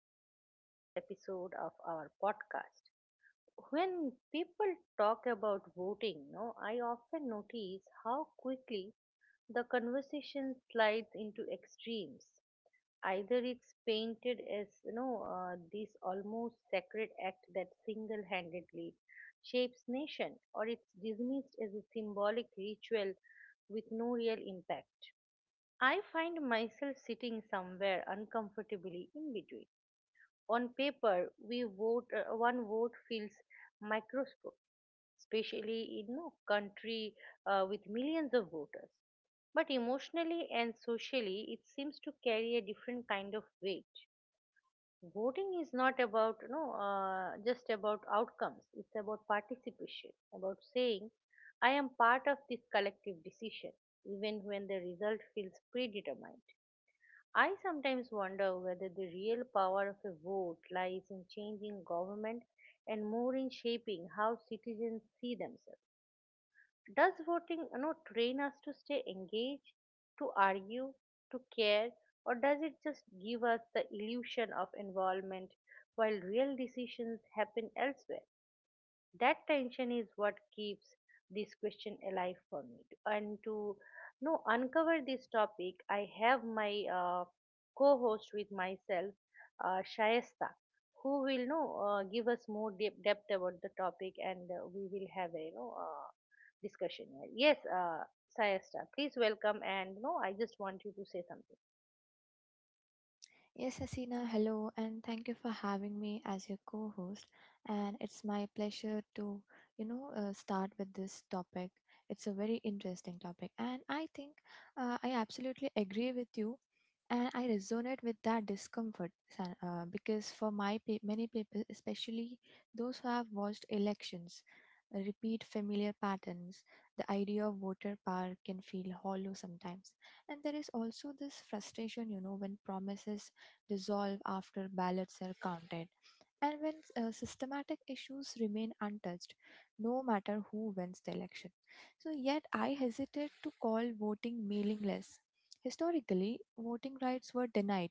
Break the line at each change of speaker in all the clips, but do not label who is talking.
welcome to another episode of our podcast. When people talk about voting, no, I often notice how quickly the conversation slides into extremes. Either it's painted as this almost sacred act that single-handedly shapes nation, or it's dismissed as a symbolic ritual with no real impact. I find myself sitting somewhere uncomfortably in between. On paper, we vote one vote feels microscopic, especially in a country with millions of voters. But emotionally and socially, it seems to carry a different kind of weight. Voting is not about just about outcomes. It's about participation, about saying, "I am part of this collective decision," even when the result feels predetermined. I sometimes wonder whether the real power of a vote lies in changing government and more in shaping how citizens see themselves. Does voting train us to stay engaged, to argue, to care, or does it just give us the illusion of involvement while real decisions happen elsewhere? That tension is what keeps this question alive for me, and to no uncover this topic I have my uh, co-host with myself, Shayesta, who will know give us more deep depth about the topic, and we will have a discussion here. Yes, Shayesta, please welcome, and no I just want you to say something.
Yes, Hasina, hello, and thank you for having me as your co host. And it's my pleasure to, start with this topic. It's a very interesting topic, and I think I absolutely agree with you, and I resonate with that discomfort because for many people, especially those who have watched elections, repeat familiar patterns, the idea of voter power can feel hollow sometimes. And there is also this frustration, you know, when promises dissolve after ballots are counted, and when systematic issues remain untouched, no matter who wins the election. So, yet I hesitate to call voting mailingless. Historically, voting rights were denied,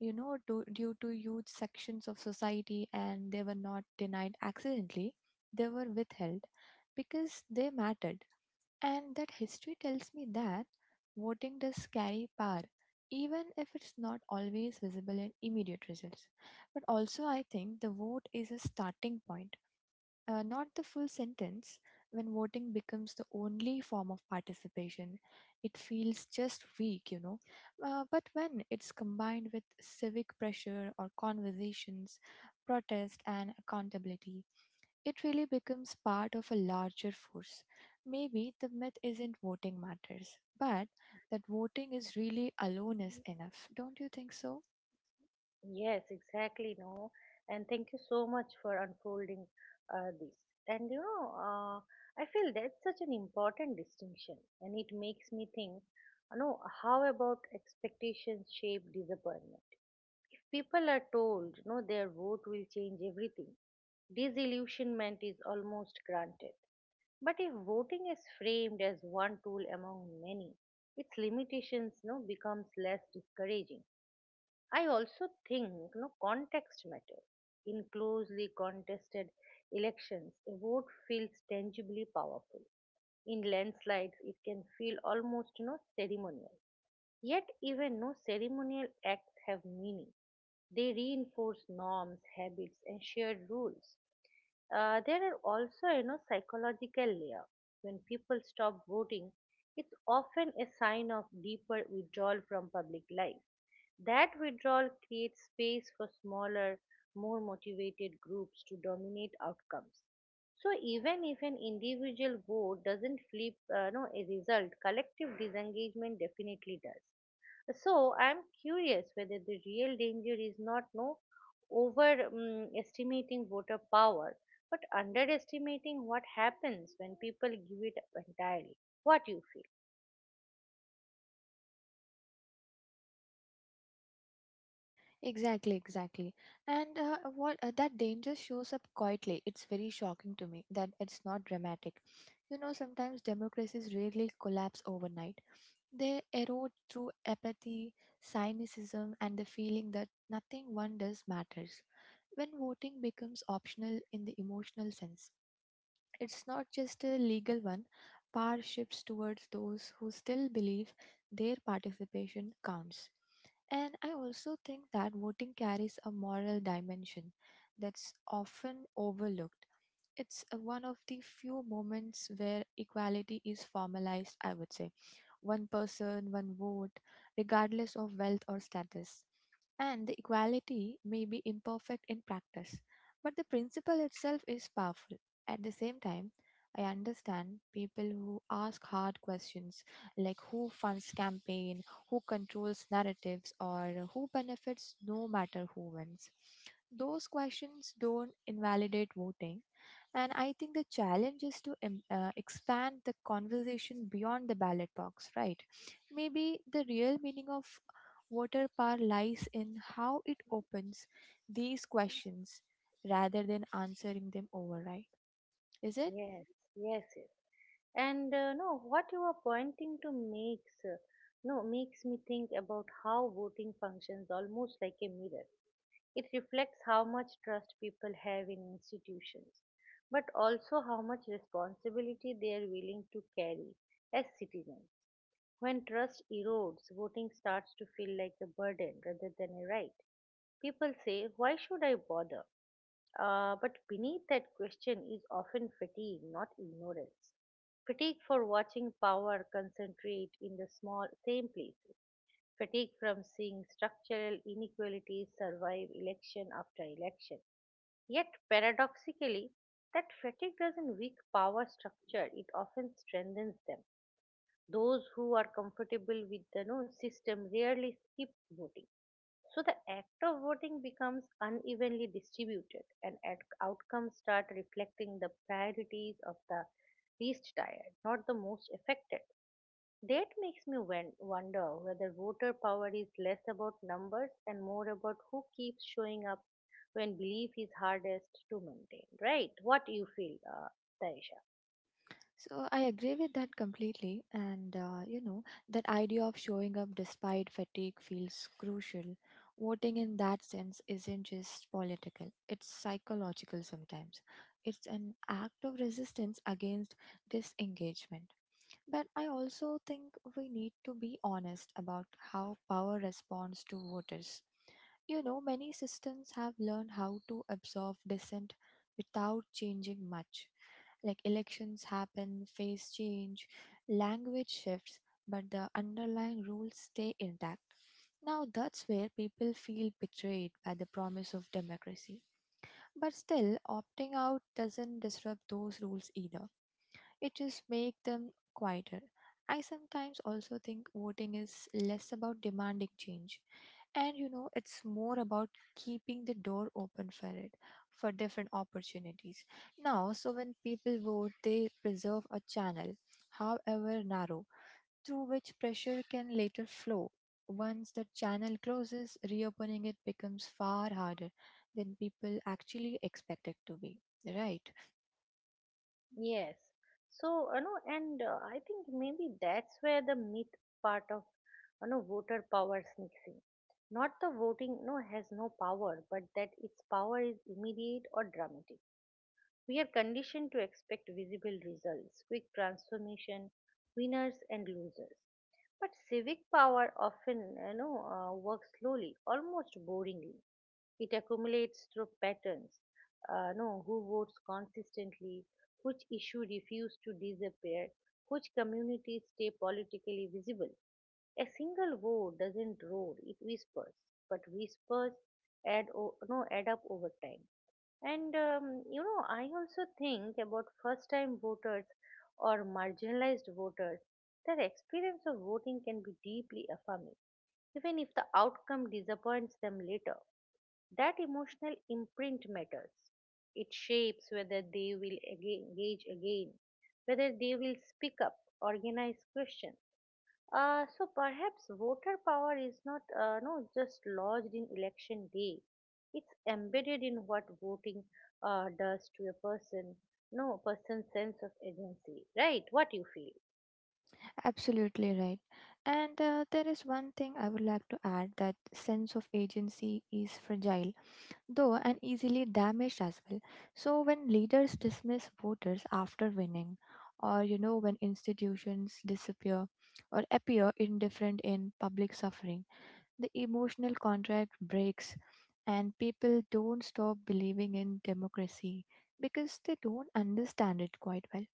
you know, due to huge sections of society, and they were not denied accidentally, they were withheld because they mattered, and that history tells me that voting does carry power, even if it's not always visible in immediate results. But also, I think the vote is a starting point, not the full sentence. When voting becomes the only form of participation, it feels just weak. But when it's combined with civic pressure or conversations, protest, and accountability, it really becomes part of a larger force. Maybe the myth isn't voting matters, but that voting is really alone is enough. Don't you think so?
Yes, exactly. No, and thank you so much for unfolding this. And I feel that's such an important distinction, and it makes me think, how about expectations shape disappointment? If people are told, their vote will change everything, disillusionment is almost granted. But if voting is framed as one tool among many, its limitations, becomes less discouraging. I also think, context matters. In closely contested elections, a vote feels tangibly powerful. In landslides, it can feel almost, ceremonial. Yet, even no ceremonial acts have meaning. They reinforce norms, habits, and shared rules. There are also, psychological layer. When people stop voting, it's often a sign of deeper withdrawal from public life. That withdrawal creates space for smaller, more motivated groups to dominate outcomes. So even if an individual vote doesn't flip, no, a result, collective disengagement definitely does. So I'm curious whether the real danger is not no overestimating voter power, but underestimating what happens when people give it up entirely. What you feel?
Exactly, exactly. And what that danger shows up quietly. It's very shocking to me that it's not dramatic. You know, sometimes democracies rarely collapse overnight. They erode through apathy, cynicism, and the feeling that nothing one does matters. When voting becomes optional in the emotional sense, it's not just a legal one. Power shifts towards those who still believe their participation counts. And I also think that voting carries a moral dimension that's often overlooked. It's one of the few moments where equality is formalized, I would say. One person, one vote, regardless of wealth or status. And the equality may be imperfect in practice, but the principle itself is powerful. At the same time, I understand people who ask hard questions like who funds campaign, who controls narratives, or who benefits no matter who wins. Those questions don't invalidate voting, and I think the challenge is to expand the conversation beyond the ballot box, right? Maybe the real meaning of water power lies in how it opens these questions rather than answering them overnight, is it?
Yes, yes, yes. And no, what you are pointing to makes no makes me think about how voting functions almost like a mirror. It reflects how much trust people have in institutions, but also how much responsibility they are willing to carry as citizens. When trust erodes, voting starts to feel like a burden rather than a right. People say, "Why should I bother?" But beneath that question is often fatigue, not ignorance. Fatigue for watching power concentrate in the small same places. Fatigue from seeing structural inequalities survive election after election. Yet paradoxically, that fatigue doesn't weak power structure, it often strengthens them. Those who are comfortable with the no system rarely skip voting. So the act of voting becomes unevenly distributed, and outcomes start reflecting the priorities of the least tired, not the most affected. That makes me wonder whether voter power is less about numbers and more about who keeps showing up when belief is hardest to maintain. Right? What you feel, Taisha?
So I agree with that completely, and you know, that idea of showing up despite fatigue feels crucial. Voting in that sense isn't just political; it's psychological sometimes. It's an act of resistance against disengagement. But I also think we need to be honest about how power responds to voters. You know, many systems have learned how to absorb dissent without changing much, like elections happen, face change, language shifts, but the underlying rules stay intact. Now that's where people feel betrayed by the promise of democracy. But still, opting out doesn't disrupt those rules either. It just makes them quieter. I sometimes also think voting is less about demanding change, and you know, it's more about keeping the door open for it, for different opportunities. Now, so when people vote, they preserve a channel, however narrow, through which pressure can later flow. Once the channel closes, reopening it becomes far harder than people actually expect it to be. Right,
Yes. So, you know, and I think maybe that's where the myth part of, voter power sneaks in. Not the voting, no, has no power, but that its power is immediate or dramatic. We are conditioned to expect visible results, quick transformation, winners and losers. But civic power often, works slowly, almost boringly. It accumulates through patterns. No, who votes consistently, which issue refuse to disappear, which communities stay politically visible. A single vote doesn't roar; it whispers. But whispers add o- no add up over time. And I also think about first time voters or marginalized voters. Their experience of voting can be deeply affirming, even if the outcome disappoints them later. That emotional imprint matters. It shapes whether they will engage again, whether they will speak up, organize questions. So perhaps voter power is not no just lodged in election day. It's embedded in what voting does to a person, no person's sense of agency, right? What you feel?
absolutely right. And there is one thing I would like to add. That sense of agency is fragile though, and easily damaged as well. So when leaders dismiss voters after winning, or you know, when institutions disappear or appear indifferent in public suffering, the emotional contract breaks and people don't stop believing in democracy because they don't understand it quite well.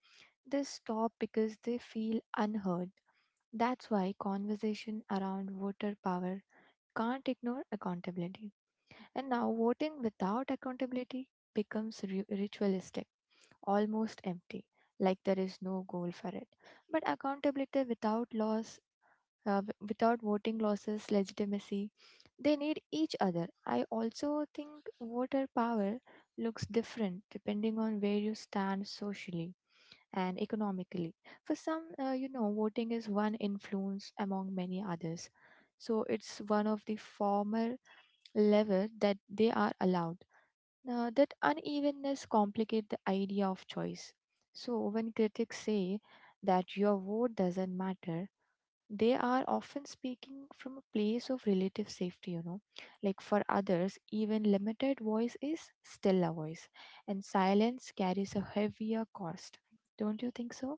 They stop because they feel unheard. That's why conversation around voter power can't ignore accountability, and now voting without accountability becomes ritualistic, almost empty, like there is no goal for it. But accountability without loss, without voting losses, legitimacy, they need each other. I also think voter power looks different depending on where you stand socially and economically. For some, you know, voting is one influence among many others. So it's one of the former level that they are allowed. Now, that unevenness complicates the idea of choice. So, when critics say that your vote doesn't matter, they are often speaking from a place of relative safety, you know. Like for others, even limited voice is still a voice, and silence carries a heavier cost. Don't you think so?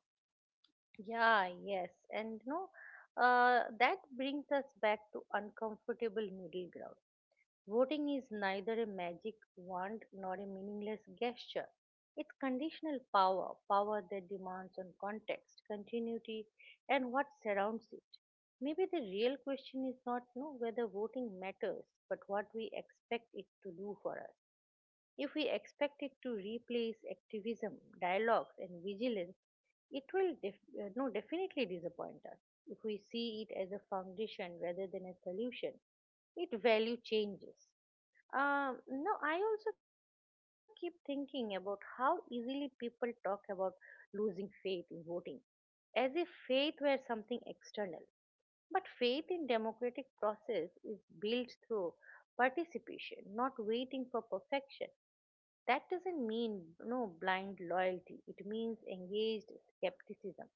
Yeah, yes, and no, that brings us back to uncomfortable middle ground. Voting is neither a magic wand nor a meaningless gesture. It's conditional power, power that demands on context, continuity, and what surrounds it. Maybe the real question is not no, whether voting matters, but what we expect it to do for us. If we expect it to replace activism, dialogues, and vigilance, it will definitely disappoint us. If we see it as a foundation rather than a solution, its value changes. No, I also keep thinking about how easily people talk about losing faith in voting, as if faith were something external. But faith in democratic process is built through participation, not waiting for perfection. That doesn't mean no blind loyalty. It means engaged skepticism.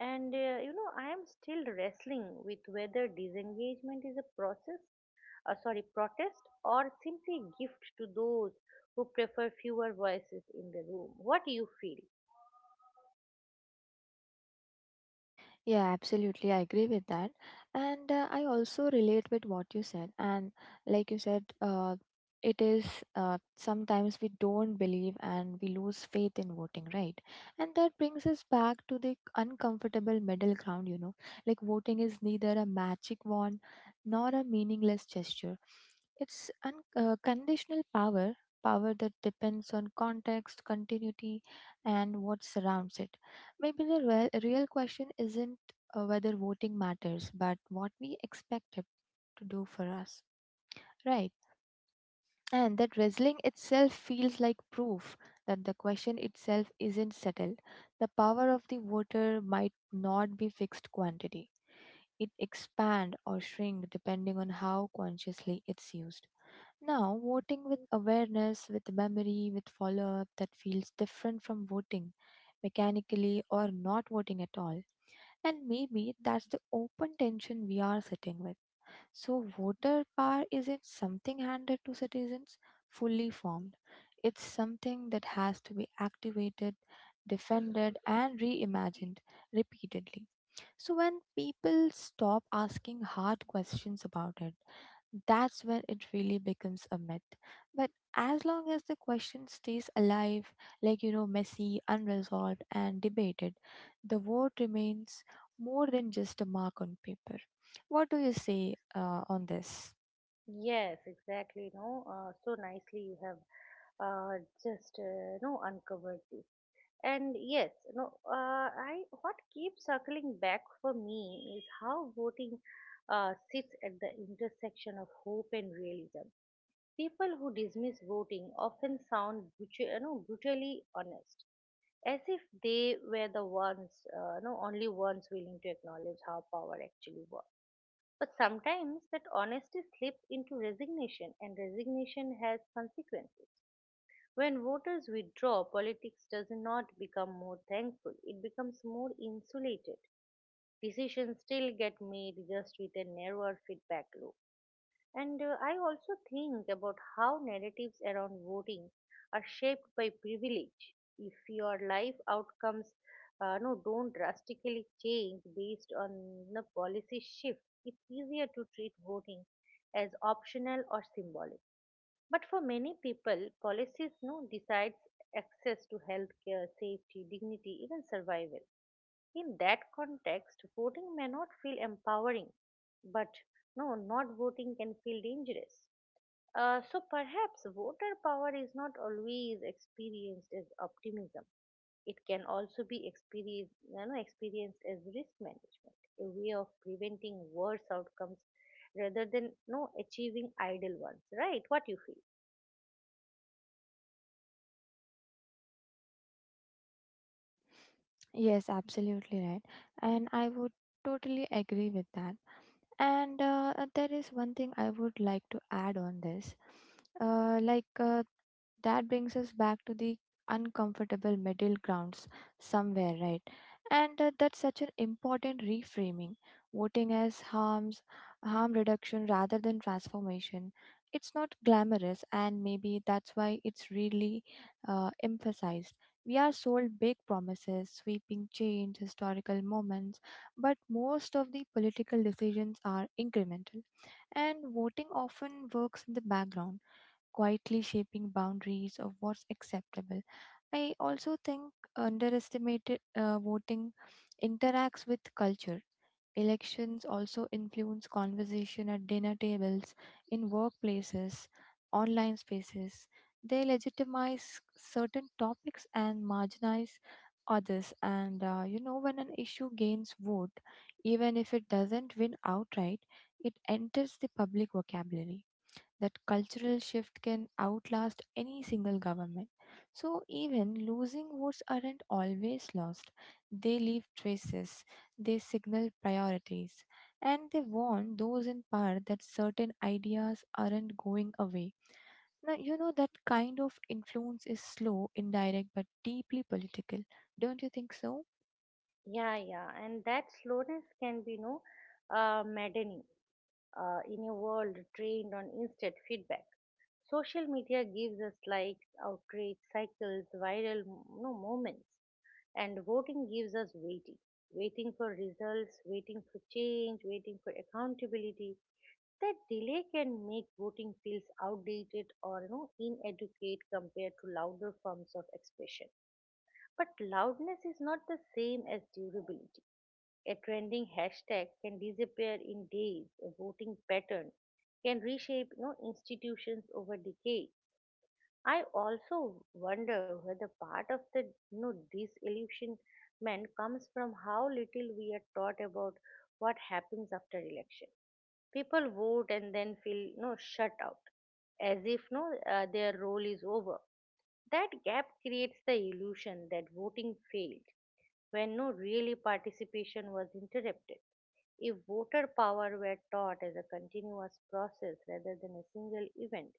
And I am still wrestling with whether disengagement is a process, protest, or simply a gift to those who prefer fewer voices in the room. What do you feel?
Yeah, absolutely. I agree with that. And I also relate with what you said. And like you said, it is sometimes we don't believe and we lose faith in voting, right? And that brings us back to the uncomfortable middle ground, you know. Like voting is neither a magic wand nor a meaningless gesture, it's conditional power. Power that depends on context, continuity, and what surrounds it. Maybe the real question isn't whether voting matters, but what we expect it to do for us. Right. And that wrestling itself feels like proof that the question itself isn't settled. The power of the voter might not be fixed quantity. It expand or shrink depending on how consciously it's used. Now, voting with awareness, with memory, with follow up, that feels different from voting mechanically or not voting at all, and maybe that's the open tension we are sitting with. So, voter power isn't something handed to citizens fully formed, it's something that has to be activated, defended, and reimagined repeatedly. So, when people stop asking hard questions about it, that's when it really becomes a myth. But as long as the question stays alive, like, you know, messy, unresolved, and debated, the vote remains more than just a mark on paper. What do you say on this?
Yes, exactly. No, so nicely you have just no uncovered this. And yes, no, I what keeps circling back for me is how voting sits at the intersection of hope and realism. People who dismiss voting often sound brutal, brutally honest, as if they were the ones, no, only ones willing to acknowledge how power actually works. But sometimes that honesty slips into resignation, and resignation has consequences. When voters withdraw, politics does not become more thankful, it becomes more insulated. Decisions still get made just with a narrower feedback loop. And I also think about how narratives around voting are shaped by privilege. If your life outcomes no, don't drastically change based on the policy shift, it's easier to treat voting as optional or symbolic. But for many people, policies no decides access to healthcare, safety, dignity, even survival. In that context, voting may not feel empowering, but no, not voting can feel dangerous. So perhaps voter power is not always experienced as optimism. It can also be experienced as risk management, a way of preventing worse outcomes rather than no achieving ideal ones. Right? What you feel?
Yes, absolutely right. And I would totally agree with that. And there is one thing I would like to add on this. Uh, like, uh, that brings us back to the uncomfortable middle grounds somewhere, right? And that's such an important reframing. Voting as harm reduction rather than transformation. It's not glamorous, and maybe that's why it's really emphasized. We are sold big promises, sweeping change, historical moments, but most of the political decisions are incremental, and voting often works in the background, quietly shaping boundaries of what's acceptable. I also think underestimated voting interacts with culture. Elections also influence conversation at dinner tables, in workplaces, online spaces. They legitimize certain topics and marginalize others. And you know, when an issue gains vote, even if it doesn't win outright, it enters the public vocabulary. That cultural shift can outlast any single government. So, even losing votes aren't always lost. They leave traces, they signal priorities, and they warn those in power that certain ideas aren't going away. Now, you know, that kind of influence is slow, indirect, but deeply political. Don't you think so?
Yeah, yeah, and that slowness can be no maddening in a world trained on instant feedback. Social media gives us likes, outrage cycles, viral no moments, and voting gives us waiting, waiting for results, waiting for change, waiting for accountability. That delay can make voting feels outdated or, inadequate compared to louder forms of expression. But loudness is not the same as durability. A trending hashtag can disappear in days. A voting pattern can reshape, institutions over decades. I also wonder whether part of the, disillusionment comes from how little we are taught about what happens after election. People vote and then feel, shut out, as if no their role is over. That gap creates the illusion that voting failed when no really participation was interrupted. If voter power were taught as a continuous process rather than a single event,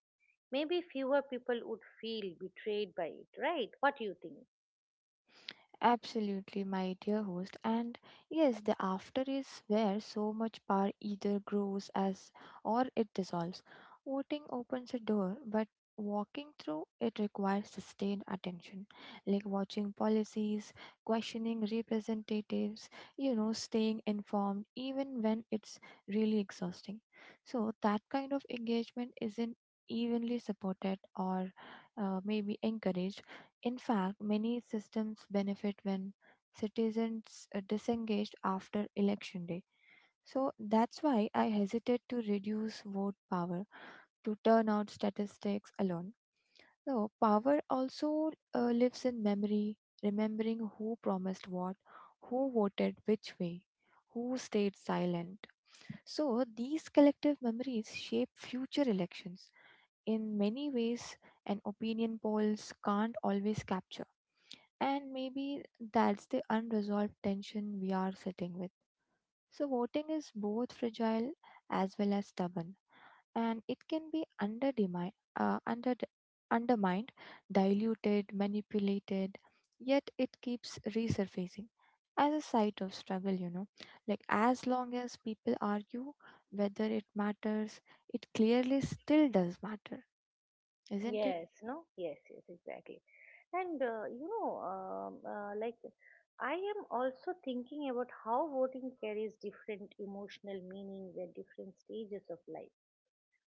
maybe fewer people would feel betrayed by it, right? What do you think?
Absolutely, my dear host. And yes, the after is where so much power either grows, as or it dissolves. Voting opens a door, but walking through it requires sustained attention, like watching policies, questioning representatives, you know, staying informed even when it's really exhausting. So, that kind of engagement isn't evenly supported or maybe encouraged. In fact, many systems benefit when citizens are disengaged after election day. So that's why I hesitate to reduce vote power to turnout statistics alone. So power also lives in memory, remembering who promised what, who voted which way, who stayed silent. So these collective memories shape future elections. In many ways, and opinion polls can't always capture. And maybe that's the unresolved tension we are sitting with. So, voting is both fragile as well as stubborn, and it can be undermined, diluted, manipulated, yet it keeps resurfacing as a site of struggle, you know. Like, as long as people argue whether it matters, it clearly still does matter, isn't it?
Yes, no? Yes, yes, exactly. And like, I am also thinking about how voting carries different emotional meanings at different stages of life.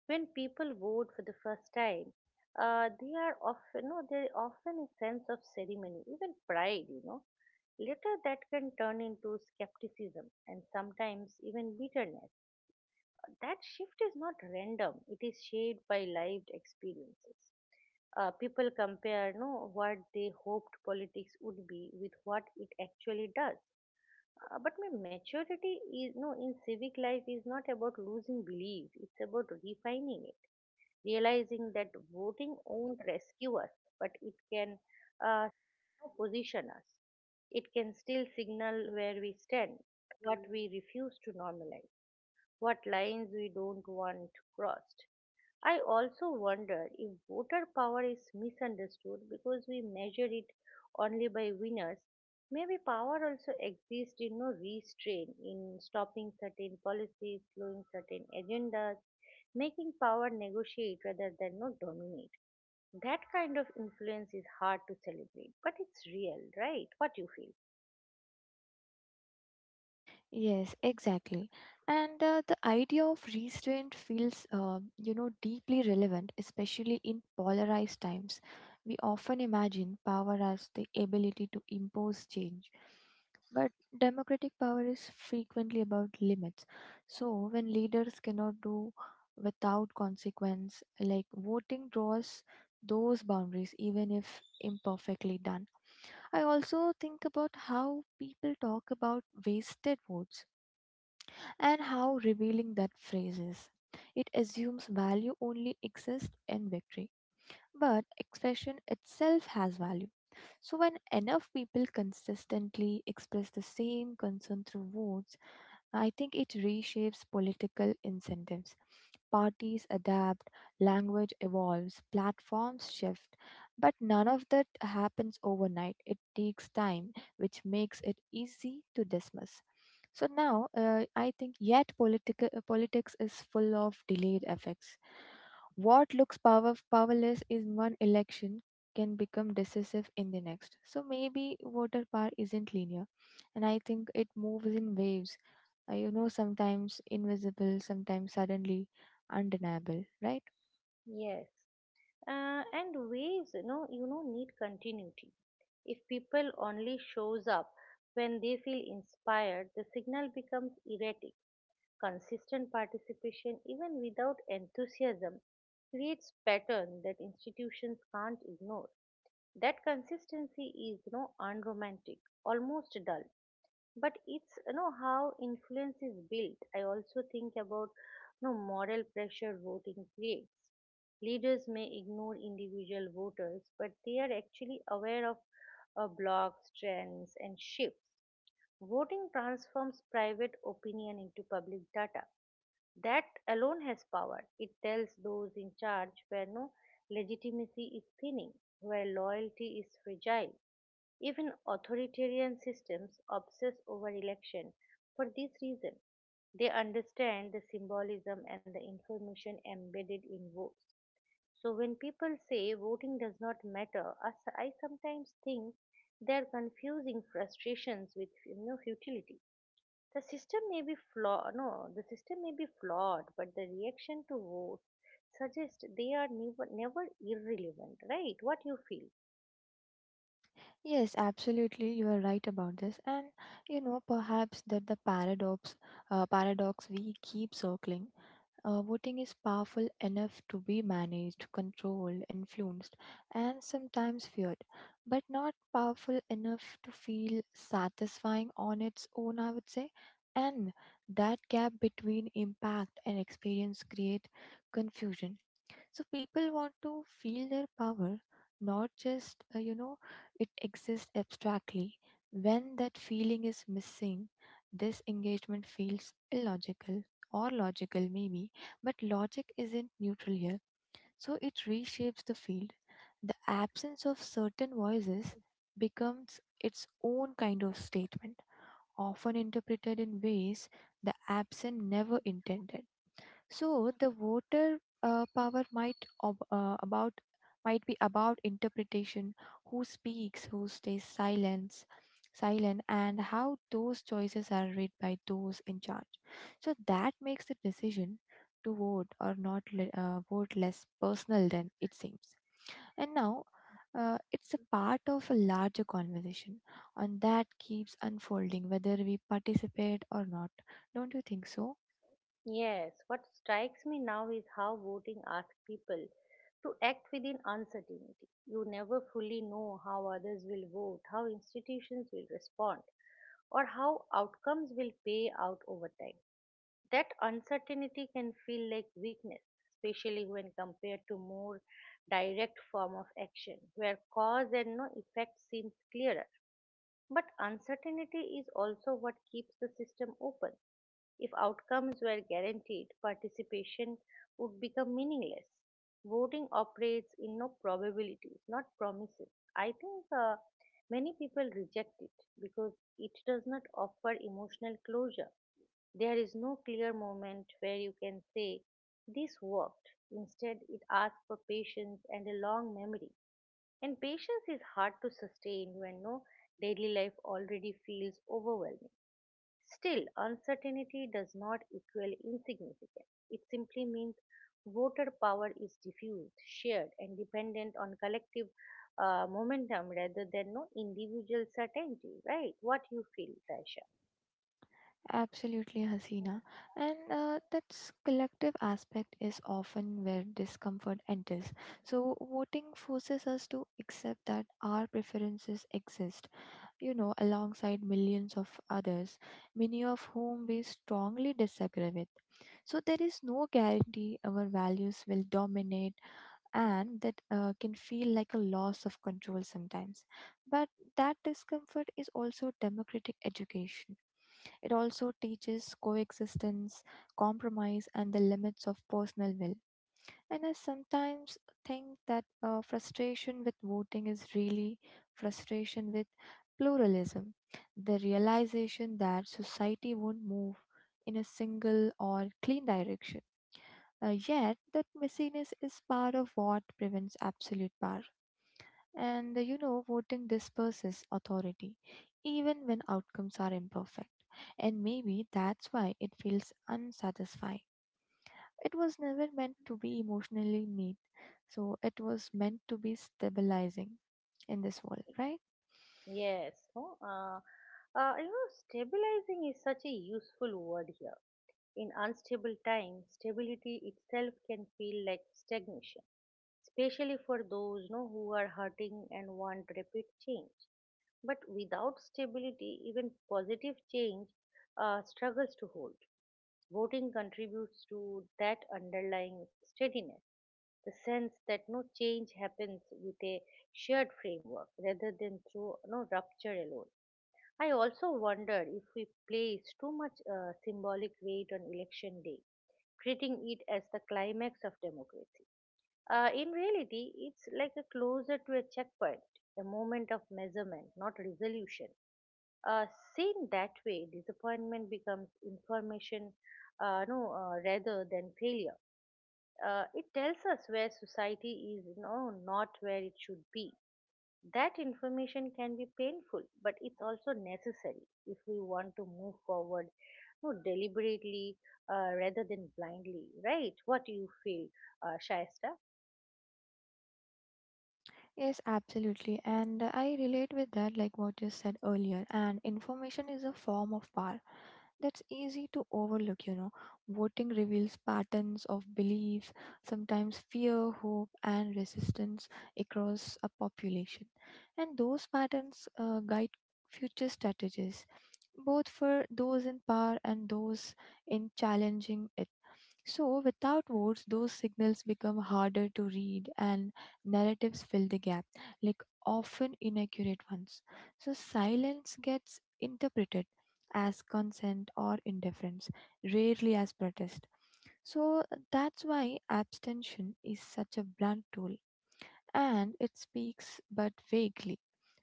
When people vote for the first time, they are often, no, there often a sense of ceremony, even pride. Later, that can turn into skepticism and sometimes even bitterness. That shift is not random, it is shaped by lived experiences. People compare no, what they hoped politics would be with what it actually does. But my maturity is no in civic life is not about losing belief, it's about refining it, realizing that voting won't rescue us, but it can uh, position us. It can still signal where we stand, what we refuse to normalize, what lines we don't want crossed. I also wonder if voter power is misunderstood because we measure it only by winners. Maybe power also exists in no restraint, in stopping certain policies, slowing certain agendas, making power negotiate rather than no dominate. That kind of influence is hard to celebrate, but it's real, right? What you feel.
Yes, exactly. And the idea of restraint feels, you know, deeply relevant, especially in polarized times. We often imagine power as the ability to impose change, but democratic power is frequently about limits. So when leaders cannot do without consequence, like voting draws those boundaries, even if imperfectly done. I also think about how people talk about wasted votes and how revealing that phrase is. It assumes value only exists in victory, but expression itself has value. So, when enough people consistently express the same concern through votes, I think it reshapes political incentives. Parties adapt, language evolves, platforms shift, but none of that happens overnight. It takes time, which makes it easy to dismiss. So now, I think yet political politics is full of delayed effects. What looks powerless in one election can become decisive in the next. So maybe voter power isn't linear, and I think it moves in waves, you know, sometimes invisible, sometimes suddenly undeniable, right?
Yes. And waves, need continuity. If people only shows up when they feel inspired, the signal becomes erratic. Consistent participation, even without enthusiasm, creates pattern that institutions can't ignore. That consistency is, unromantic, almost dull. But it's how influence is built. I also think about moral pressure voting creates. Leaders may ignore individual voters, but they are actually aware of blocks, trends and shifts. Voting transforms private opinion into public data. That alone has power. It tells those in charge where no legitimacy is thinning, where loyalty is fragile. Even authoritarian systems obsess over election for this reason. They understand the symbolism and the information embedded in votes. So, when people say voting does not matter, I sometimes think they are confusing frustrations with futility. The system may be flawed, no, the system may be flawed, but the reaction to votes suggests they are never, never irrelevant, right? What you feel?
Yes, absolutely. You are right about this. And you know, perhaps that the paradox we keep circling. Voting is powerful enough to be managed, controlled, influenced, and sometimes feared, but not powerful enough to feel satisfying on its own, I would say. And that gap between impact and experience create confusion. So people want to feel their power, not just, you know, it exists abstractly. When that feeling is missing, this engagement feels illogical or logical, maybe, but logic isn't neutral here. So it reshapes the field. The absence of certain voices becomes its own kind of statement, often interpreted in ways the absent never intended. So the water power might be about interpretation, who speaks, who stays silent, and how those choices are read by those in charge. So that makes the decision to vote or not le- vote less personal than it seems. And now, it's a part of a larger conversation, and that keeps unfolding whether we participate or not. Don't you think so?
Yes, what strikes me now is how voting asks people to act within uncertainty. You never fully know how others will vote, how institutions will respond, or how outcomes will pay out over time. That uncertainty can feel like weakness, especially when compared to more direct form of action, where cause and no effect seems clearer. But uncertainty is also what keeps the system open. If outcomes were guaranteed, participation would become meaningless. Voting operates in no probabilities, not promises. I think many people reject it because it does not offer emotional closure. There is no clear moment where you can say, "This worked." Instead, it asks for patience and a long memory. And patience is hard to sustain when no daily life already feels overwhelming. Still, uncertainty does not equal insignificance. It simply means voter power is diffused, shared, and dependent on collective momentum rather than no individual certainty. Right? What you feel, Tasha?
Absolutely, Hasina. And that collective aspect is often where discomfort enters. So, voting forces us to accept that our preferences exist, you know, alongside millions of others, many of whom we strongly disagree with. So, there is no guarantee our values will dominate, and that can feel like a loss of control sometimes. But that discomfort is also democratic education. It also teaches coexistence, compromise, and the limits of personal will. And I sometimes think that frustration with voting is really frustration with pluralism, the realization that society won't move in a single or clean direction, yet, that messiness is part of what prevents absolute power. And you know, voting disperses authority, even when outcomes are imperfect. And maybe that's why it feels unsatisfying. It was never meant to be emotionally neat, so it was meant to be stabilizing in this world, right?
Yes, no, you know, Stabilizing is such a useful word here. In unstable times, stability itself can feel like stagnation, especially for those no, who are hurting and want rapid change. But without stability, even positive change struggles to hold. Voting contributes to that underlying steadiness, the sense that no change happens with a shared framework rather than through no rupture alone. I also wonder if we place too much symbolic weight on election day, treating it as the climax of democracy. In reality, it's like a closer to a checkpoint, a moment of measurement, not resolution. Uh, seen that way, disappointment becomes information no, rather than failure. It tells us where society is no, not where it should be. That information can be painful, but it's also necessary if we want to move forward no, deliberately rather than blindly, right? What do you feel, Shaista?
Yes, absolutely. And I relate with that, like what you said earlier. And information is a form of power that's easy to overlook, you know. Voting reveals patterns of belief, sometimes fear, hope, and resistance across a population. And those patterns guide future strategies, both for those in power and those in challenging it. So, without votes, those signals become harder to read and narratives fill the gap, like often inaccurate ones. So silence gets interpreted as consent or indifference, rarely as protest. So that's why abstention is such a blunt tool, and it speaks but vaguely.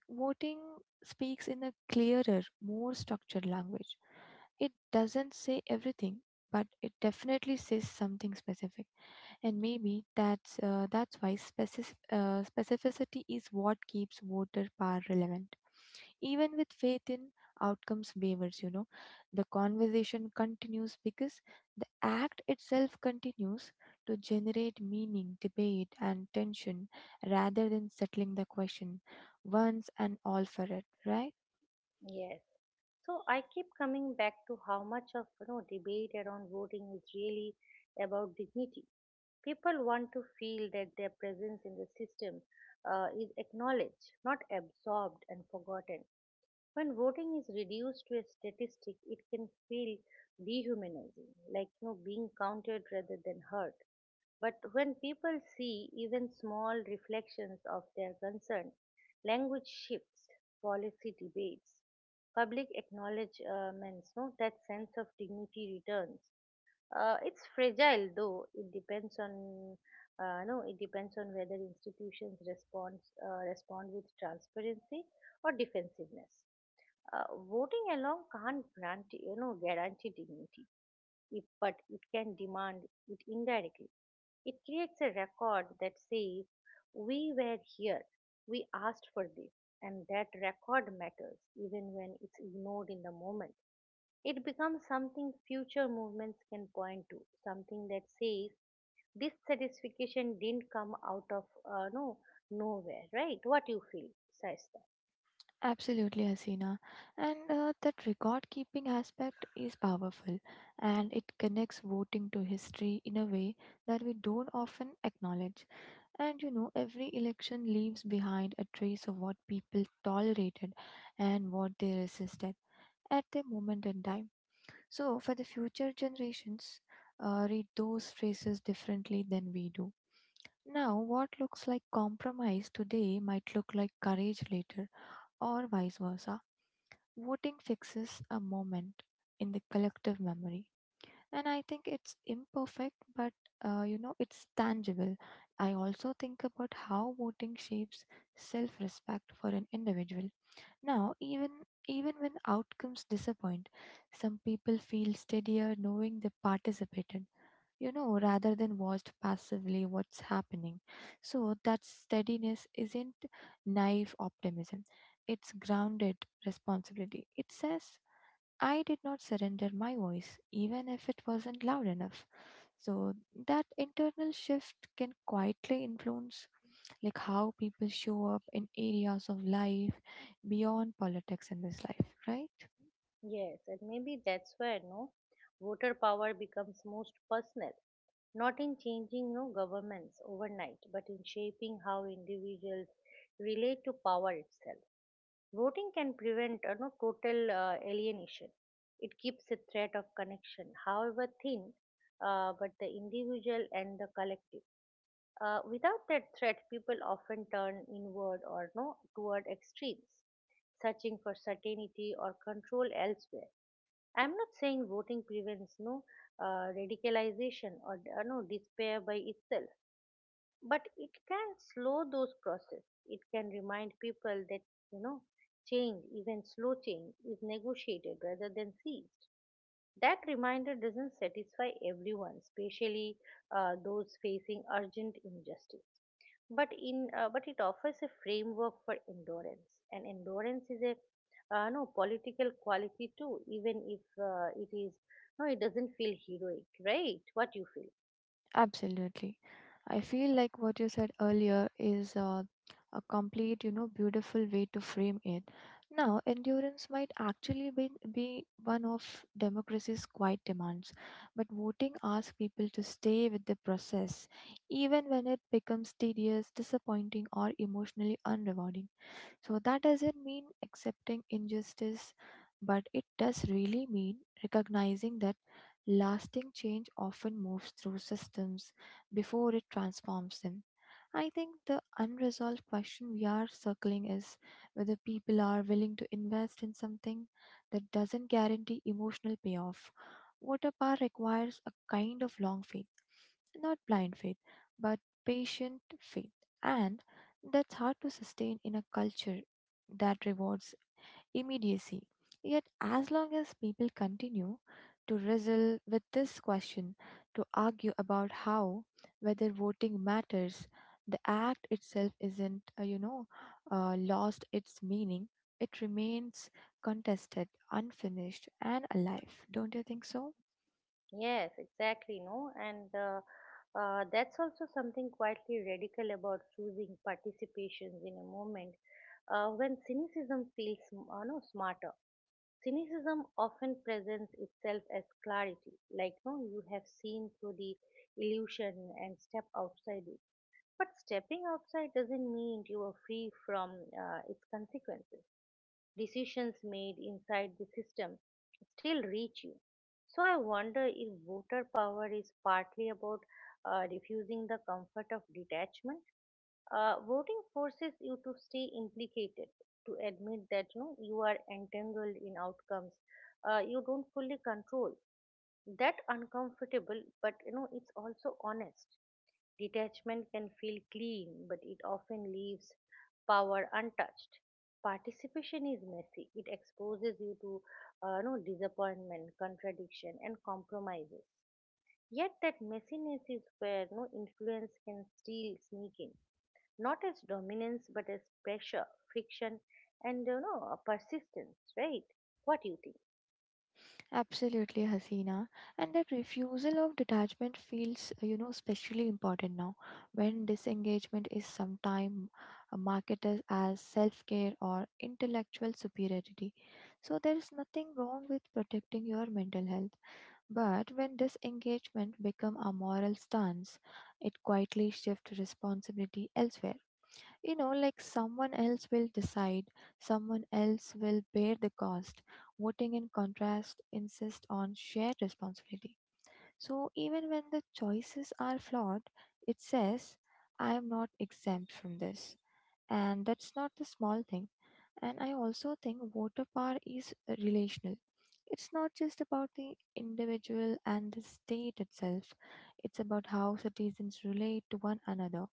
Voting speaks in a clearer, more structured language. It doesn't say everything, but it definitely says something specific. And maybe that's why specificity is what keeps voter power relevant. Even with faith in outcomes wavers, you know, the conversation continues because the act itself continues to generate meaning, debate, and tension rather than settling the question once and all for it, right?
Yes. So I keep coming back to how much of debate around voting is really about dignity. People want to feel that their presence in the system is acknowledged, not absorbed and forgotten. When voting is reduced to a statistic, it can feel dehumanizing, like being counted rather than heard. But when people see even small reflections of their concern, language shifts, policy debates, public acknowledgments no, that sense of dignity returns. It's fragile though. It depends on no it depends on whether institutions respond, respond with transparency or defensiveness. uh, Voting alone can't grant, guarantee dignity, if, but it can demand it indirectly. It creates a record that says, "We were here, we asked for this," and that record matters even when it's ignored in the moment. It becomes something future movements can point to, something that says this satisfaction didn't come out of no nowhere, right? What you feel says?
Absolutely, Hasina. And that record keeping aspect is powerful, and it connects voting to history in a way that we don't often acknowledge. And you know, every election leaves behind a trace of what people tolerated and what they resisted at the moment in time. So, for the future generations, read those phrases differently than we do. Now, what looks like compromise today might look like courage later, or vice versa. Voting fixes a moment in the collective memory. And I think it's imperfect, but you know, it's tangible. I also think about how voting shapes self respect for an individual. Now, even when outcomes disappoint, some people feel steadier knowing they participated, you know, rather than watched passively what's happening. So that steadiness isn't naive optimism. It's grounded responsibility. It says, I did not surrender my voice, even if it wasn't loud enough. So that internal shift can quietly influence like how people show up in areas of life beyond politics in this life, right?
Yes, and maybe that's where no voter power becomes most personal, not in changing no governments overnight, but in shaping how individuals relate to power itself. Voting can prevent no total alienation. It keeps a thread of connection, however thin, but the individual and the collective. Without that thread, people often turn inward or no toward extremes, searching for certainty or control elsewhere. I'm not saying voting prevents no radicalization or no despair by itself, but it can slow those process. It can remind people that you know change, even slow change, is negotiated rather than seized. That reminder doesn't satisfy everyone, especially those facing urgent injustice, but it offers a framework for endurance, and endurance is a no political quality too, even if it is no, it doesn't feel heroic, right? What you feel?
Absolutely. I feel like what you said earlier is a complete, you know, beautiful way to frame it. Now, endurance might actually be one of democracy's quiet demands, but voting asks people to stay with the process, even when it becomes tedious, disappointing, or emotionally unrewarding. So that doesn't mean accepting injustice, but it does really mean recognizing that lasting change often moves through systems before it transforms them. I think the unresolved question we are circling is whether people are willing to invest in something that doesn't guarantee emotional payoff. Water power requires a kind of long faith, not blind faith, but patient faith. And that's hard to sustain in a culture that rewards immediacy. Yet, as long as people continue to wrestle with this question, to argue about how, whether voting matters, the act itself isn't, you know, lost its meaning. It remains contested, unfinished, and alive. Don't you think so?
Yes, exactly, no? And that's also something quietly radical about choosing participations in a moment when cynicism feels no, smarter. Cynicism often presents itself as clarity, like no, you have seen through the illusion and step outside, but stepping outside doesn't mean you are free from its consequences. Decisions made inside the system still reach you. So I wonder if voter power is partly about refusing the comfort of detachment. Voting forces you to stay implicated, to admit that you, know, you are entangled in outcomes you don't fully control. That uncomfortable, but it's also honest. Detachment can feel clean, but it often leaves power untouched. Participation is messy. It exposes you to no disappointment, contradiction, and compromises. Yet that messiness is where no influence can still sneak in, not as dominance but as pressure, friction, and a persistence. Right? What do you think?
Absolutely, Hasina. And that refusal of detachment feels, you know, especially important now when disengagement is sometimes marketed as self care or intellectual superiority. So, there is nothing wrong with protecting your mental health. But when disengagement becomes a moral stance, it quietly shifts responsibility elsewhere, you know, like someone else will decide, someone else will bear the cost. Voting, in contrast, insists on shared responsibility. So even when the choices are flawed, it says, I am not exempt from this. And that's not the small thing. And I also think voter power is relational. It's not just about the individual and the state itself. It's about how citizens relate to one another.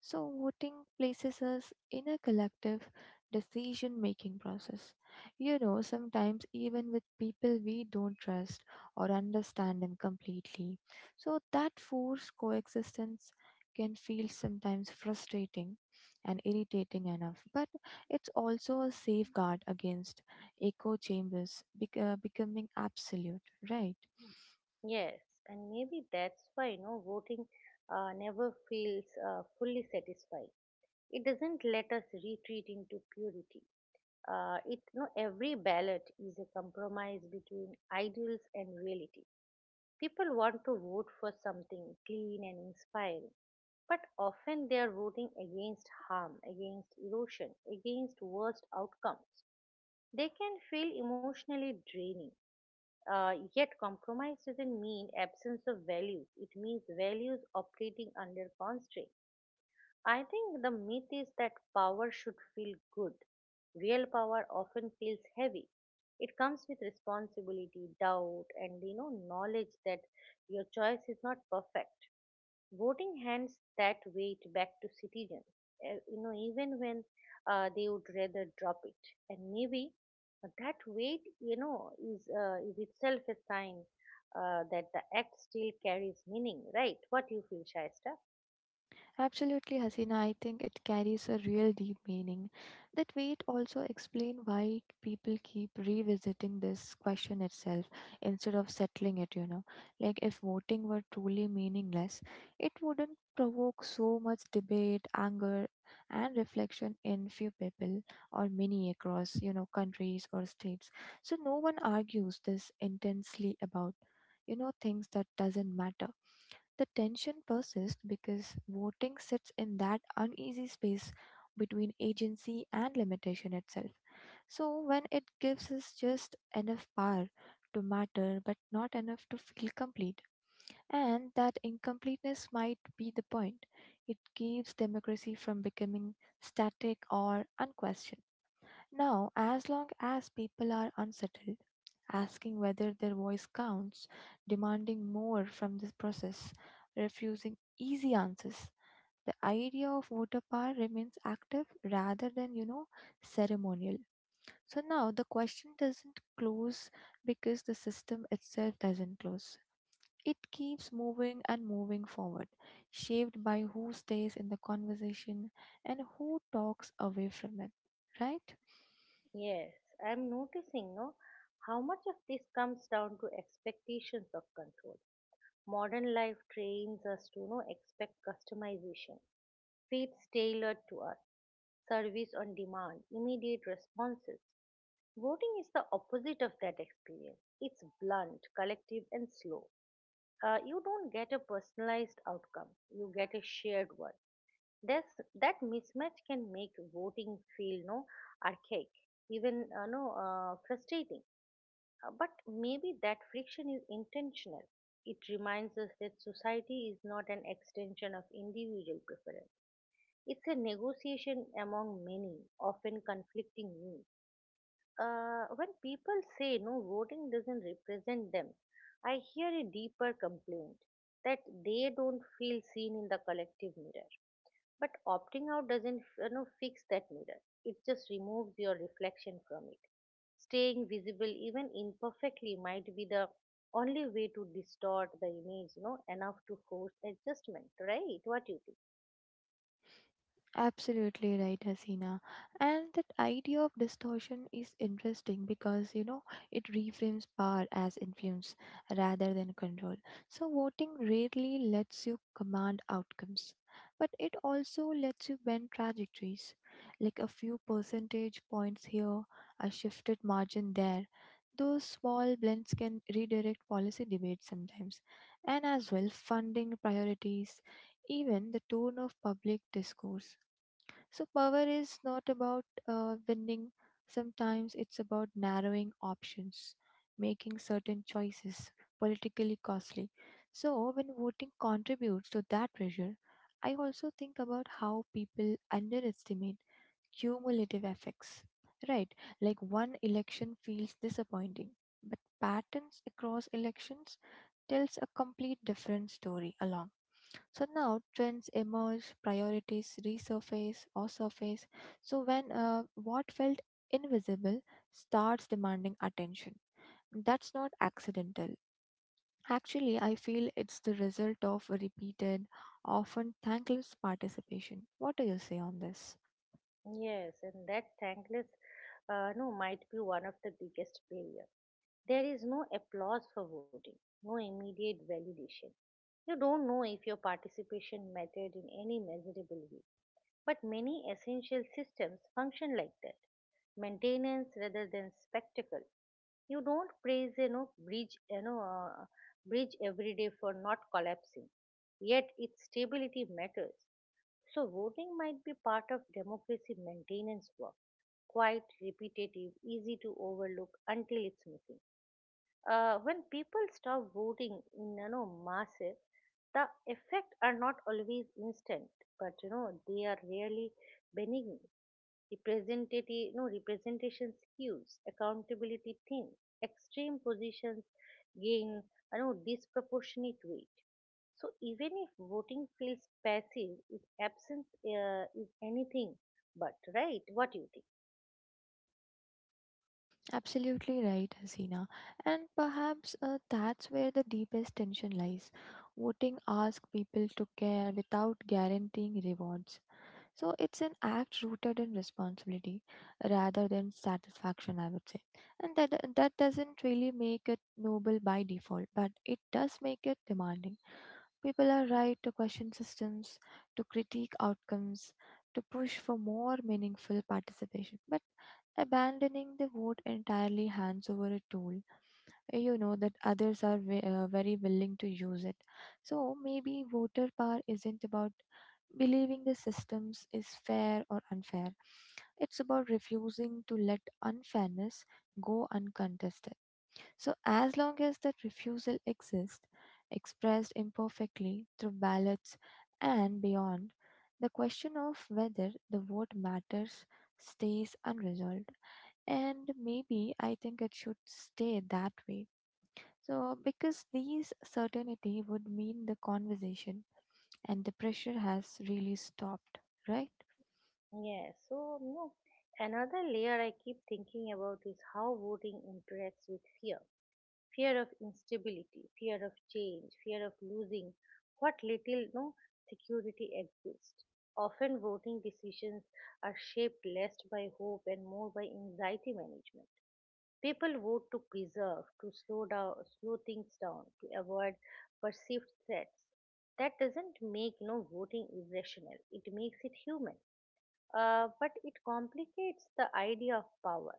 So, voting places us in a collective decision making process. You know, sometimes even with people we don't trust or understand them completely. So, that forced coexistence can feel sometimes frustrating and irritating enough, but it's also a safeguard against echo chambers becoming absolute, right?
Yes, and maybe that's why voting never feels fully satisfied. It doesn't let us retreat into purity. It no, every ballot is a compromise between ideals and reality. People want to vote for something clean and inspiring, but often they are voting against harm, against erosion, against worst outcomes. They can feel emotionally draining. Yet, compromise doesn't mean absence of values. It means values operating under constraint. I think the myth is that power should feel good. Real power often feels heavy. It comes with responsibility, doubt, and knowledge that your choice is not perfect. Voting hands that weight back to citizens, even when they would rather drop it. And maybe that weight, is itself a sign that the act still carries meaning, right? What you feel, Shaista?
Absolutely, Hasina. I think it carries a real deep meaning. That weight also explain why people keep revisiting this question itself instead of settling it, you know. Like if voting were truly meaningless, it wouldn't provoke so much debate, anger, and reflection in few people or many across, you know, countries or states. So no one argues this intensely about, you know, things that doesn't matter. The tension persists because voting sits in that uneasy space between agency and limitation itself. So, when it gives us just enough power to matter but not enough to feel complete, and that incompleteness might be the point, it keeps democracy from becoming static or unquestioned. Now, as long as people are unsettled, asking whether their voice counts, demanding more from this process, refusing easy answers. The idea of voter power remains active rather than, you know, ceremonial. So now the question doesn't close because the system itself doesn't close. It keeps moving and moving forward, shaped by who stays in the conversation and who talks away from it, right?
Yes, I'm noticing no how much of this comes down to expectations of control. Modern life trains us to no expect customization, feeds tailored to us, service on demand, immediate responses. Voting is the opposite of that experience. It's blunt, collective and slow. You don't get a personalized outcome. You get a shared one. That's, that mismatch can make voting feel no archaic, even no frustrating. But maybe that friction is intentional. It reminds us that society is not an extension of individual preference. It's a negotiation among many, often conflicting needs. When people say no, voting doesn't represent them, I hear a deeper complaint that they don't feel seen in the collective mirror. But opting out doesn't fix that mirror. It just removes your reflection from it. Staying visible, even imperfectly, might be the only way to distort the image, enough to force adjustment, right? What you think?
Absolutely right, Hasina. And that idea of distortion is interesting because you know it reframes power as influence rather than control. So, voting rarely lets you command outcomes, but it also lets you bend trajectories like a few percentage points here, a shifted margin there. Those small blends can redirect policy debates sometimes, and as well funding priorities, even the tone of public discourse. So, power is not about winning, sometimes it's about narrowing options, making certain choices politically costly. So, when voting contributes to that pressure, I also think about how people underestimate cumulative effects. Right, like one election feels disappointing, but patterns across elections tells a complete different story along. So now trends emerge, priorities resurface or surface. So when what felt invisible starts demanding attention, that's not accidental. Actually, I feel it's the result of repeated, often thankless participation. What do you say on this?
Yes, and that thankless no might be one of the biggest barrier. There is no applause for voting, no immediate validation. You don't know if your participation mattered in any measurable way. But many essential systems function like that, maintenance rather than spectacle. You don't praise bridge, bridge every day for not collapsing, yet its stability matters. So, voting might be part of democracy maintenance work, quite repetitive, easy to overlook until it's missing. When people stop voting in massive, the effect are not always instant, but they are really benign representative, representation skews, accountability thin, extreme positions gain disproportionate weight. So even if voting feels passive, its absence is anything but, right? What do you think?
Absolutely right, Hasina. And perhaps that's where the deepest tension lies. Voting asks people to care without guaranteeing rewards. So it's an act rooted in responsibility rather than satisfaction, I would say. And that doesn't really make it noble by default, but it does make it demanding. People are right to question systems, to critique outcomes, to push for more meaningful participation. But abandoning the vote entirely hands over a tool, you know, that others very willing to use it. So maybe voter power isn't about believing the systems is fair or unfair. It's about refusing to let unfairness go uncontested. So, as long as that refusal exists, expressed imperfectly through ballots and beyond, the question of whether the vote matters stays unresolved. And maybe I think it should stay that way. So, because these certainty would mean the conversation and the pressure has really stopped, right?
Yeah, so no, another layer I keep thinking about is how voting interacts with fear. Fear of instability, fear of change, fear of losing what little no security exists. Often voting decisions are shaped less by hope and more by anxiety management. People vote to preserve, to slow down slow things down, to avoid perceived threats. That doesn't make no voting irrational. It makes it human. But it complicates the idea of power.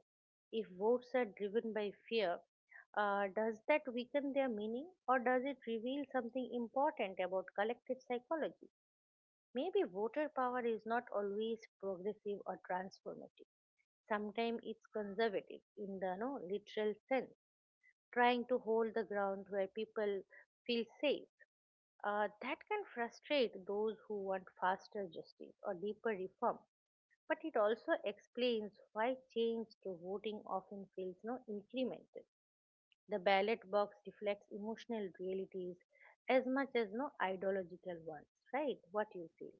If votes are driven by fear, does that weaken their meaning or does it reveal something important about collective psychology? Maybe voter power is not always progressive or transformative. Sometimes it's conservative in the no, literal sense, trying to hold the ground where people feel safe. That can frustrate those who want faster justice or deeper reform. But it also explains why change through voting often feels no incremental. The ballot box reflects emotional realities as much as no ideological ones, right? What you feel.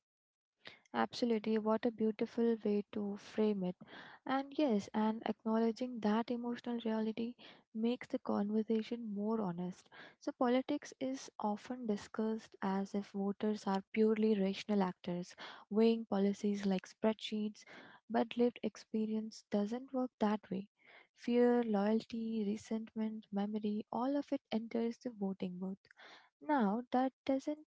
Absolutely, what a beautiful way to frame it. And yes, and acknowledging that emotional reality makes the conversation more honest. So, politics is often discussed as if voters are purely rational actors, weighing policies like spreadsheets, but lived experience doesn't work that way. Fear, loyalty, resentment, memory, all of it enters the voting booth. Now, that doesn't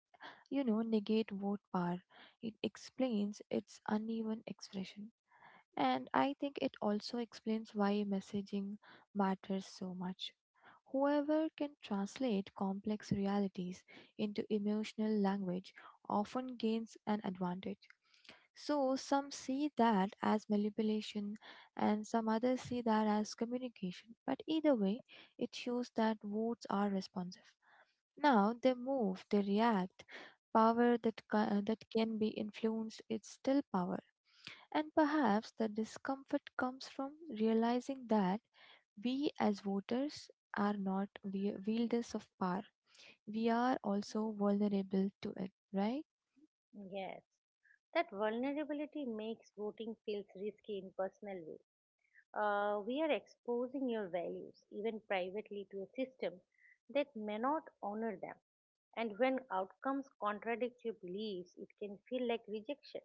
negate vote power. It explains its uneven expression. And I think it also explains why messaging matters so much. Whoever can translate complex realities into emotional language often gains an advantage. So, some see that as manipulation, and some others see that as communication. But either way, it shows that votes are responsive. Now they move, they react. That can be influenced is still power. And perhaps the discomfort comes from realizing that we as voters are not wielders of power. We are also vulnerable to it, right?
Yes. That vulnerability makes voting feels risky in personal ways. We are exposing your values, even privately, to a system that may not honor them. And when outcomes contradict your beliefs, it can feel like rejection.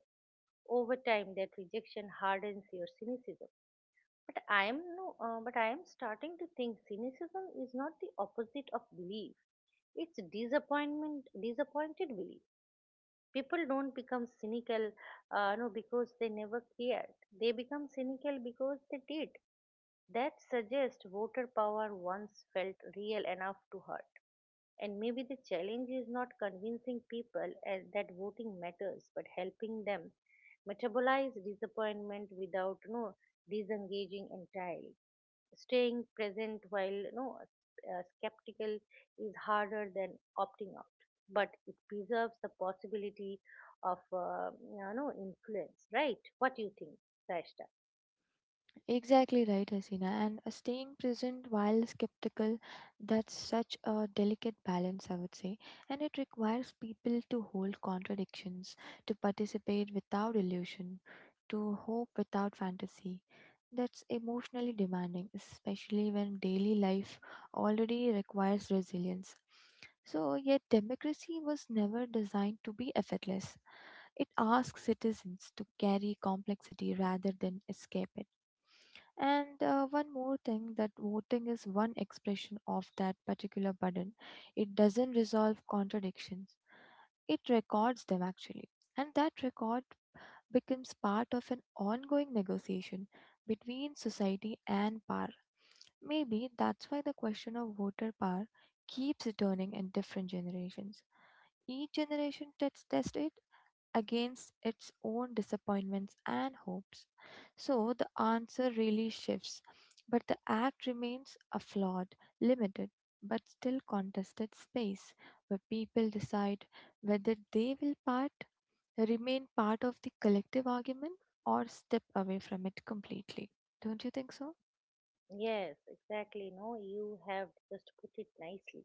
Over time, that rejection hardens your cynicism. But I am no, but I am starting to think cynicism is not the opposite of belief. It's disappointment, disappointed belief. People don't become cynical no, because they never cared. They become cynical because they did. That suggests voter power once felt real enough to hurt, and maybe the challenge is not convincing people as that voting matters, but helping them metabolize disappointment without no disengaging entirely. Staying present while skeptical is harder than opting out, but it preserves the possibility of influence, right? What do you think, Saishta?
Exactly right, Hasina. And Staying present while skeptical, that's such a delicate balance, I would say. And it requires people to hold contradictions, to participate without illusion, to hope without fantasy. That's emotionally demanding, especially when daily life already requires resilience. So, yet, democracy was never designed to be effortless. It asks citizens to carry complexity rather than escape it, and one more thing, that voting is one expression of that particular burden. It doesn't resolve contradictions, it records them actually. And that record becomes part of an ongoing negotiation between society and power. Maybe that's why the question of voter power keeps returning in different generations. Each generation tests test it against its own disappointments and hopes. So the answer really shifts, but the act remains a flawed, limited, but still contested space where people decide whether they will part, remain part of the collective argument, or step away from it completely. Don't you think so?
Yes, exactly. No, you have just put it nicely.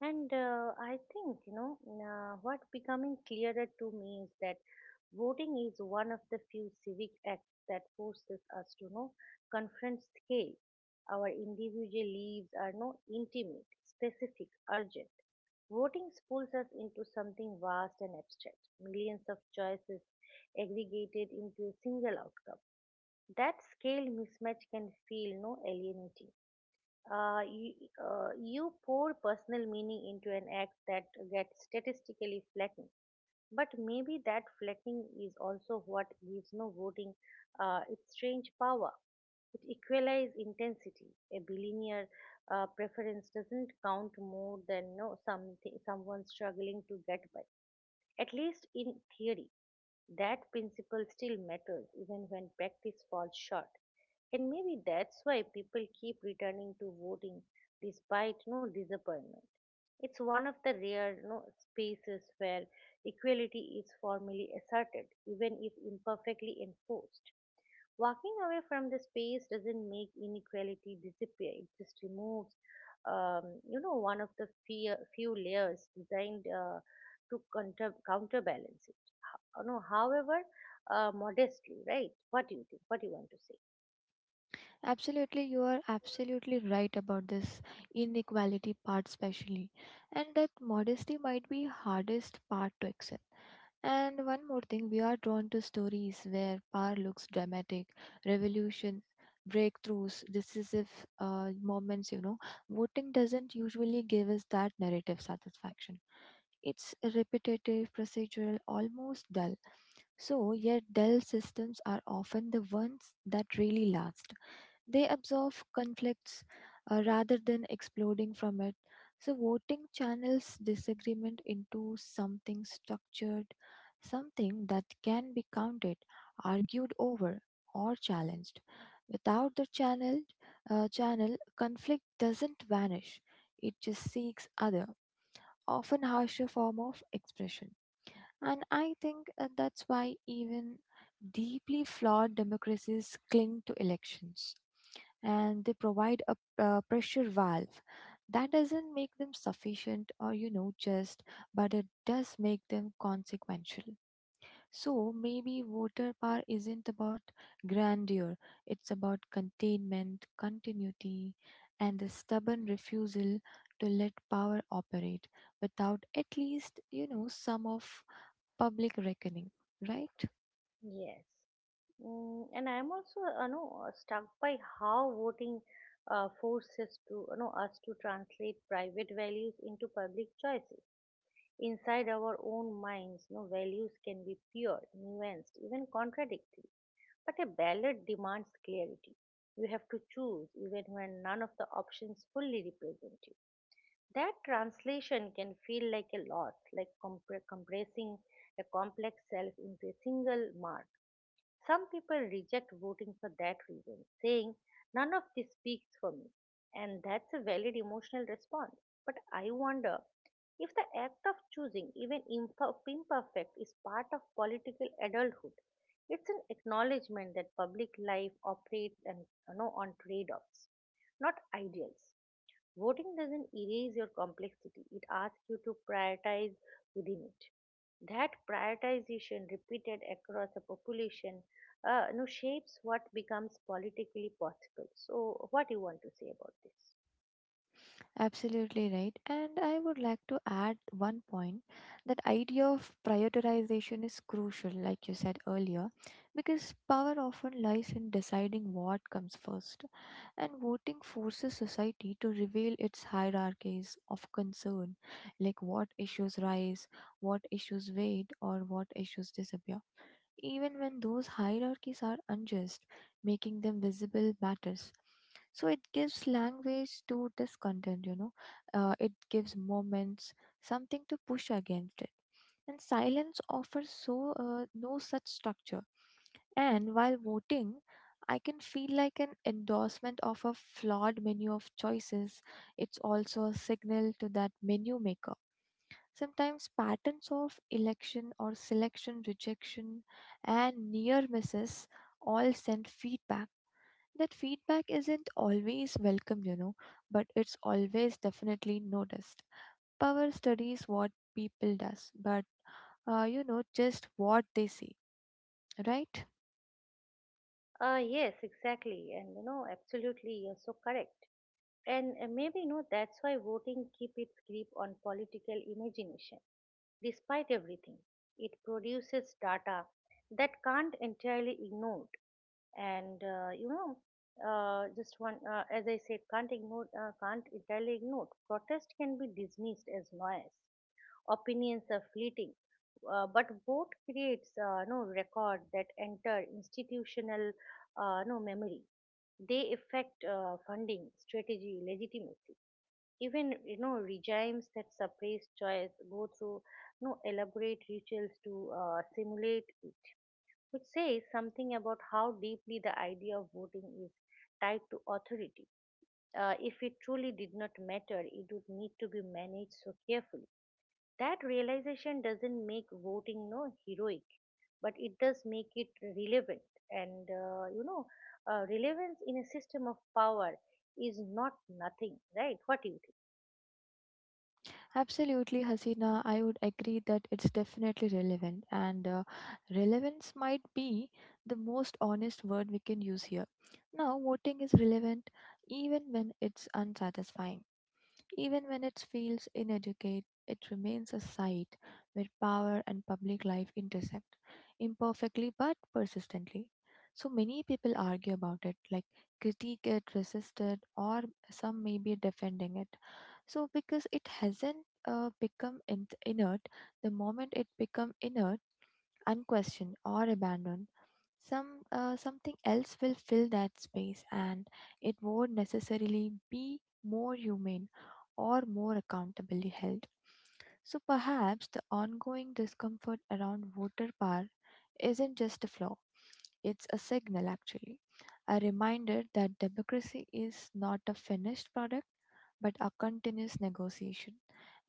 And I think, what becoming clearer to me is that voting is one of the few civic acts that forces us to confront scale. Our individual lives are no intimate, specific, urgent. Voting pulls us into something vast and abstract, millions of choices aggregated into a single outcome. That scale mismatch can feel no alienating. Uh, you, uh, you pour personal meaning into an act that gets statistically flagging. But maybe that flagging is also what gives no voting its strange power. It equalizes intensity. A bilinear preference doesn't count more than no something someone struggling to get by. At least in theory, that principle still matters even when practice falls short. And maybe that's why people keep returning to voting despite no disappointment. It's one of the rare no, spaces where equality is formally asserted, even if imperfectly enforced. Walking away from the space doesn't make inequality disappear, it just removes, um, one of the few layers designed to counterbalance it, no, however, modestly, right? What do you think? What do you want to say?
Absolutely, you are absolutely right about this inequality part, especially, and that modesty might be hardest part to accept. And one more thing, we are drawn to stories where power looks dramatic, revolution, breakthroughs, decisive moments. You know, voting doesn't usually give us that narrative satisfaction. It's repetitive, procedural, almost dull. So, yet dull systems are often the ones that really last. They absorb conflicts rather than exploding from it. So, voting channels disagreement into something structured, something that can be counted, argued over, or challenged. Without the channel, channel conflict doesn't vanish; it just seeks other, often harsher form of expression. And I think that's why even deeply flawed democracies cling to elections, and they provide a pressure valve that doesn't make them sufficient or just, but it does make them consequential. So maybe voter power isn't about grandeur, it's about containment, continuity, and the stubborn refusal to let power operate without at least some of public reckoning, right?
Yes. Mm, and I'm also, struck by how voting forces us to translate private values into public choices. Inside our own minds, no values can be pure, nuanced, even contradictory. But a ballot demands clarity. You have to choose even when none of the options fully represent you. That translation can feel like a lot, like compressing a complex self into a single mark. Some people reject voting for that reason, saying, "None of this speaks for me." And that's a valid emotional response. But I wonder if the act of choosing, even imperfect, is part of political adulthood. It's an acknowledgement that public life operates on trade offs, not ideals. Voting doesn't erase your complexity, it asks you to prioritize within it. That prioritization, repeated across a population, shapes what becomes politically possible. So, what do you want to say about this?
Absolutely right. And I would like to add one point that idea of prioritization is crucial, like you said earlier, because power often lies in deciding what comes first. And voting forces society to reveal its hierarchies of concern, like what issues rise, what issues wait, or what issues disappear. Even when those hierarchies are unjust, making them visible matters. So it gives language to this content, it gives moments something to push against it. And silence offers no such structure. And while voting, I can feel like an endorsement of a flawed menu of choices, it's also a signal to that menu maker. Sometimes patterns of election or selection, rejection, and near misses all send feedback. That feedback isn't always welcome, but it's always definitely noticed. Power studies what people does, but just what they see, right?
Yes, exactly, and absolutely, you're so correct. And maybe that's why voting keep its grip on political imagination. Despite everything, it produces data that can't entirely ignored. And just one, as I said, can't entirely ignored. Protest can be dismissed as noise, opinions are fleeting, but vote creates no record that enter institutional no memory. They affect funding, strategy, legitimacy. Even regimes that suppress choice go through no elaborate rituals to simulate it, which says something about how deeply the idea of voting is tied to authority. If it truly did not matter, it would need to be managed so carefully. That realization doesn't make voting no heroic, but it does make it relevant. And relevance in a system of power is not nothing, right? What do you
Absolutely, Hasina. I would agree that it's definitely relevant, and relevance might be the most honest word we can use here. Now, voting is relevant even when it's unsatisfying. Even when it feels inadequate, it remains a site where power and public life intersect, imperfectly but persistently. So many people argue about it, like critique it, resist it, or some may be defending it. So because it hasn't become in- inert, the moment it become inert, unquestioned or abandoned, something else will fill that space, and it won't necessarily be more humane or more accountably held. So perhaps the ongoing discomfort around voter power isn't just a flaw, it's a signal actually. A reminder that democracy is not a finished product but a continuous negotiation.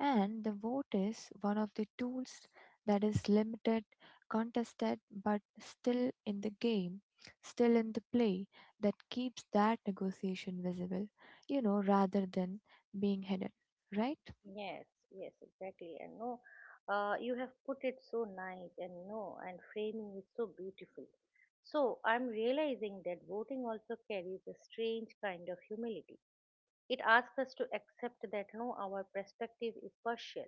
And the vote is one of the tools that is limited, contested, but still in the game, still in the play, that keeps that negotiation visible, rather than being hidden, right?
think? Yes, yes, exactly. And no, you have put it so nice, and no, and framing is so beautiful. So I'm realizing that voting also carries a strange kind of humility. It asks us to accept that no, our perspective is partial,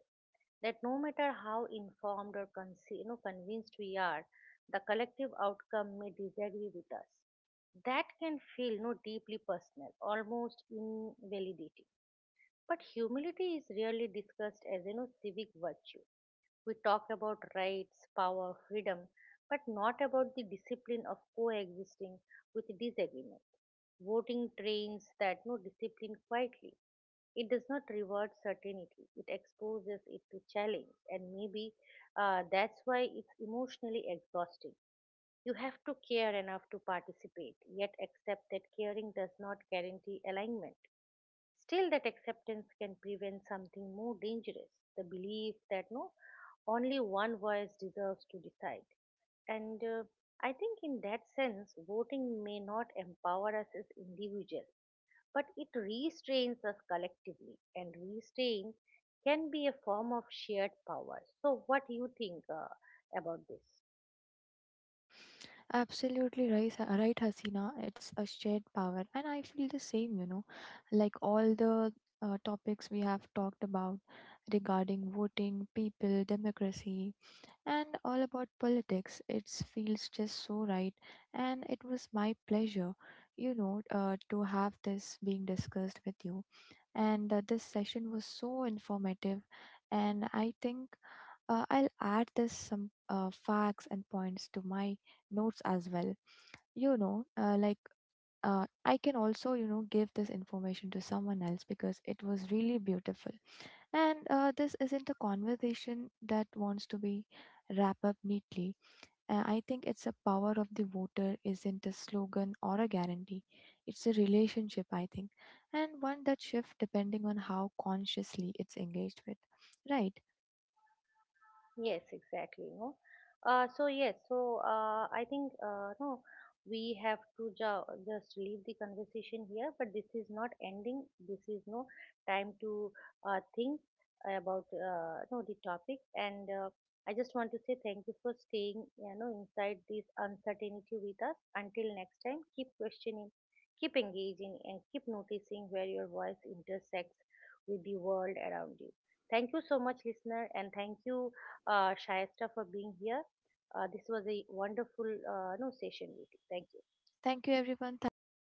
that no matter how informed or convinced we are, the collective outcome may disagree with us. That can feel no deeply personal, almost invalidating. But humility is rarely discussed as civic virtue. We talk about rights, power, freedom, but not about the discipline of coexisting with disagreement. Voting trains that no discipline quietly. It does not reward certainty, it exposes it to challenge, and maybe that's why it's emotionally exhausting. You have to care enough to participate, yet accept that caring does not guarantee alignment. Still, that acceptance can prevent something more dangerous, the belief that no, only one voice deserves to decide. And I think, in that sense, voting may not empower us as individuals, but it restrains us collectively, and restraint can be a form of shared power. So what do you think about this?
Absolutely right, right, Hasina. It's a shared power, and I feel the same. Like all the topics we have talked about regarding voting, people, democracy, and all about politics, it feels just so right, and it was my pleasure, to have this being discussed with you. And this session was so informative, and I think I'll add this some facts and points to my notes as well. You know, uh, like I can also, give this information to someone else because it was really beautiful. And this isn't a conversation that wants to be wrapped up neatly. I think it's a power of the voter isn't a slogan or a guarantee. It's a relationship, I think, and one that shifts depending on how consciously it's engaged with. Right.
Yes, exactly. No. So yes, so I think, no, we have to just leave the conversation here. But this is not ending. This is no time to think about no the topic. And I just want to say thank you for staying inside this uncertainty with us. Until next time, keep questioning, keep engaging, and keep noticing where your voice intersects with the world around you. Thank you so much, listener, and thank you, Shaista, for being here. This was a wonderful no session with you. Thank you.
Thank you, everyone. Thank you, Hasina.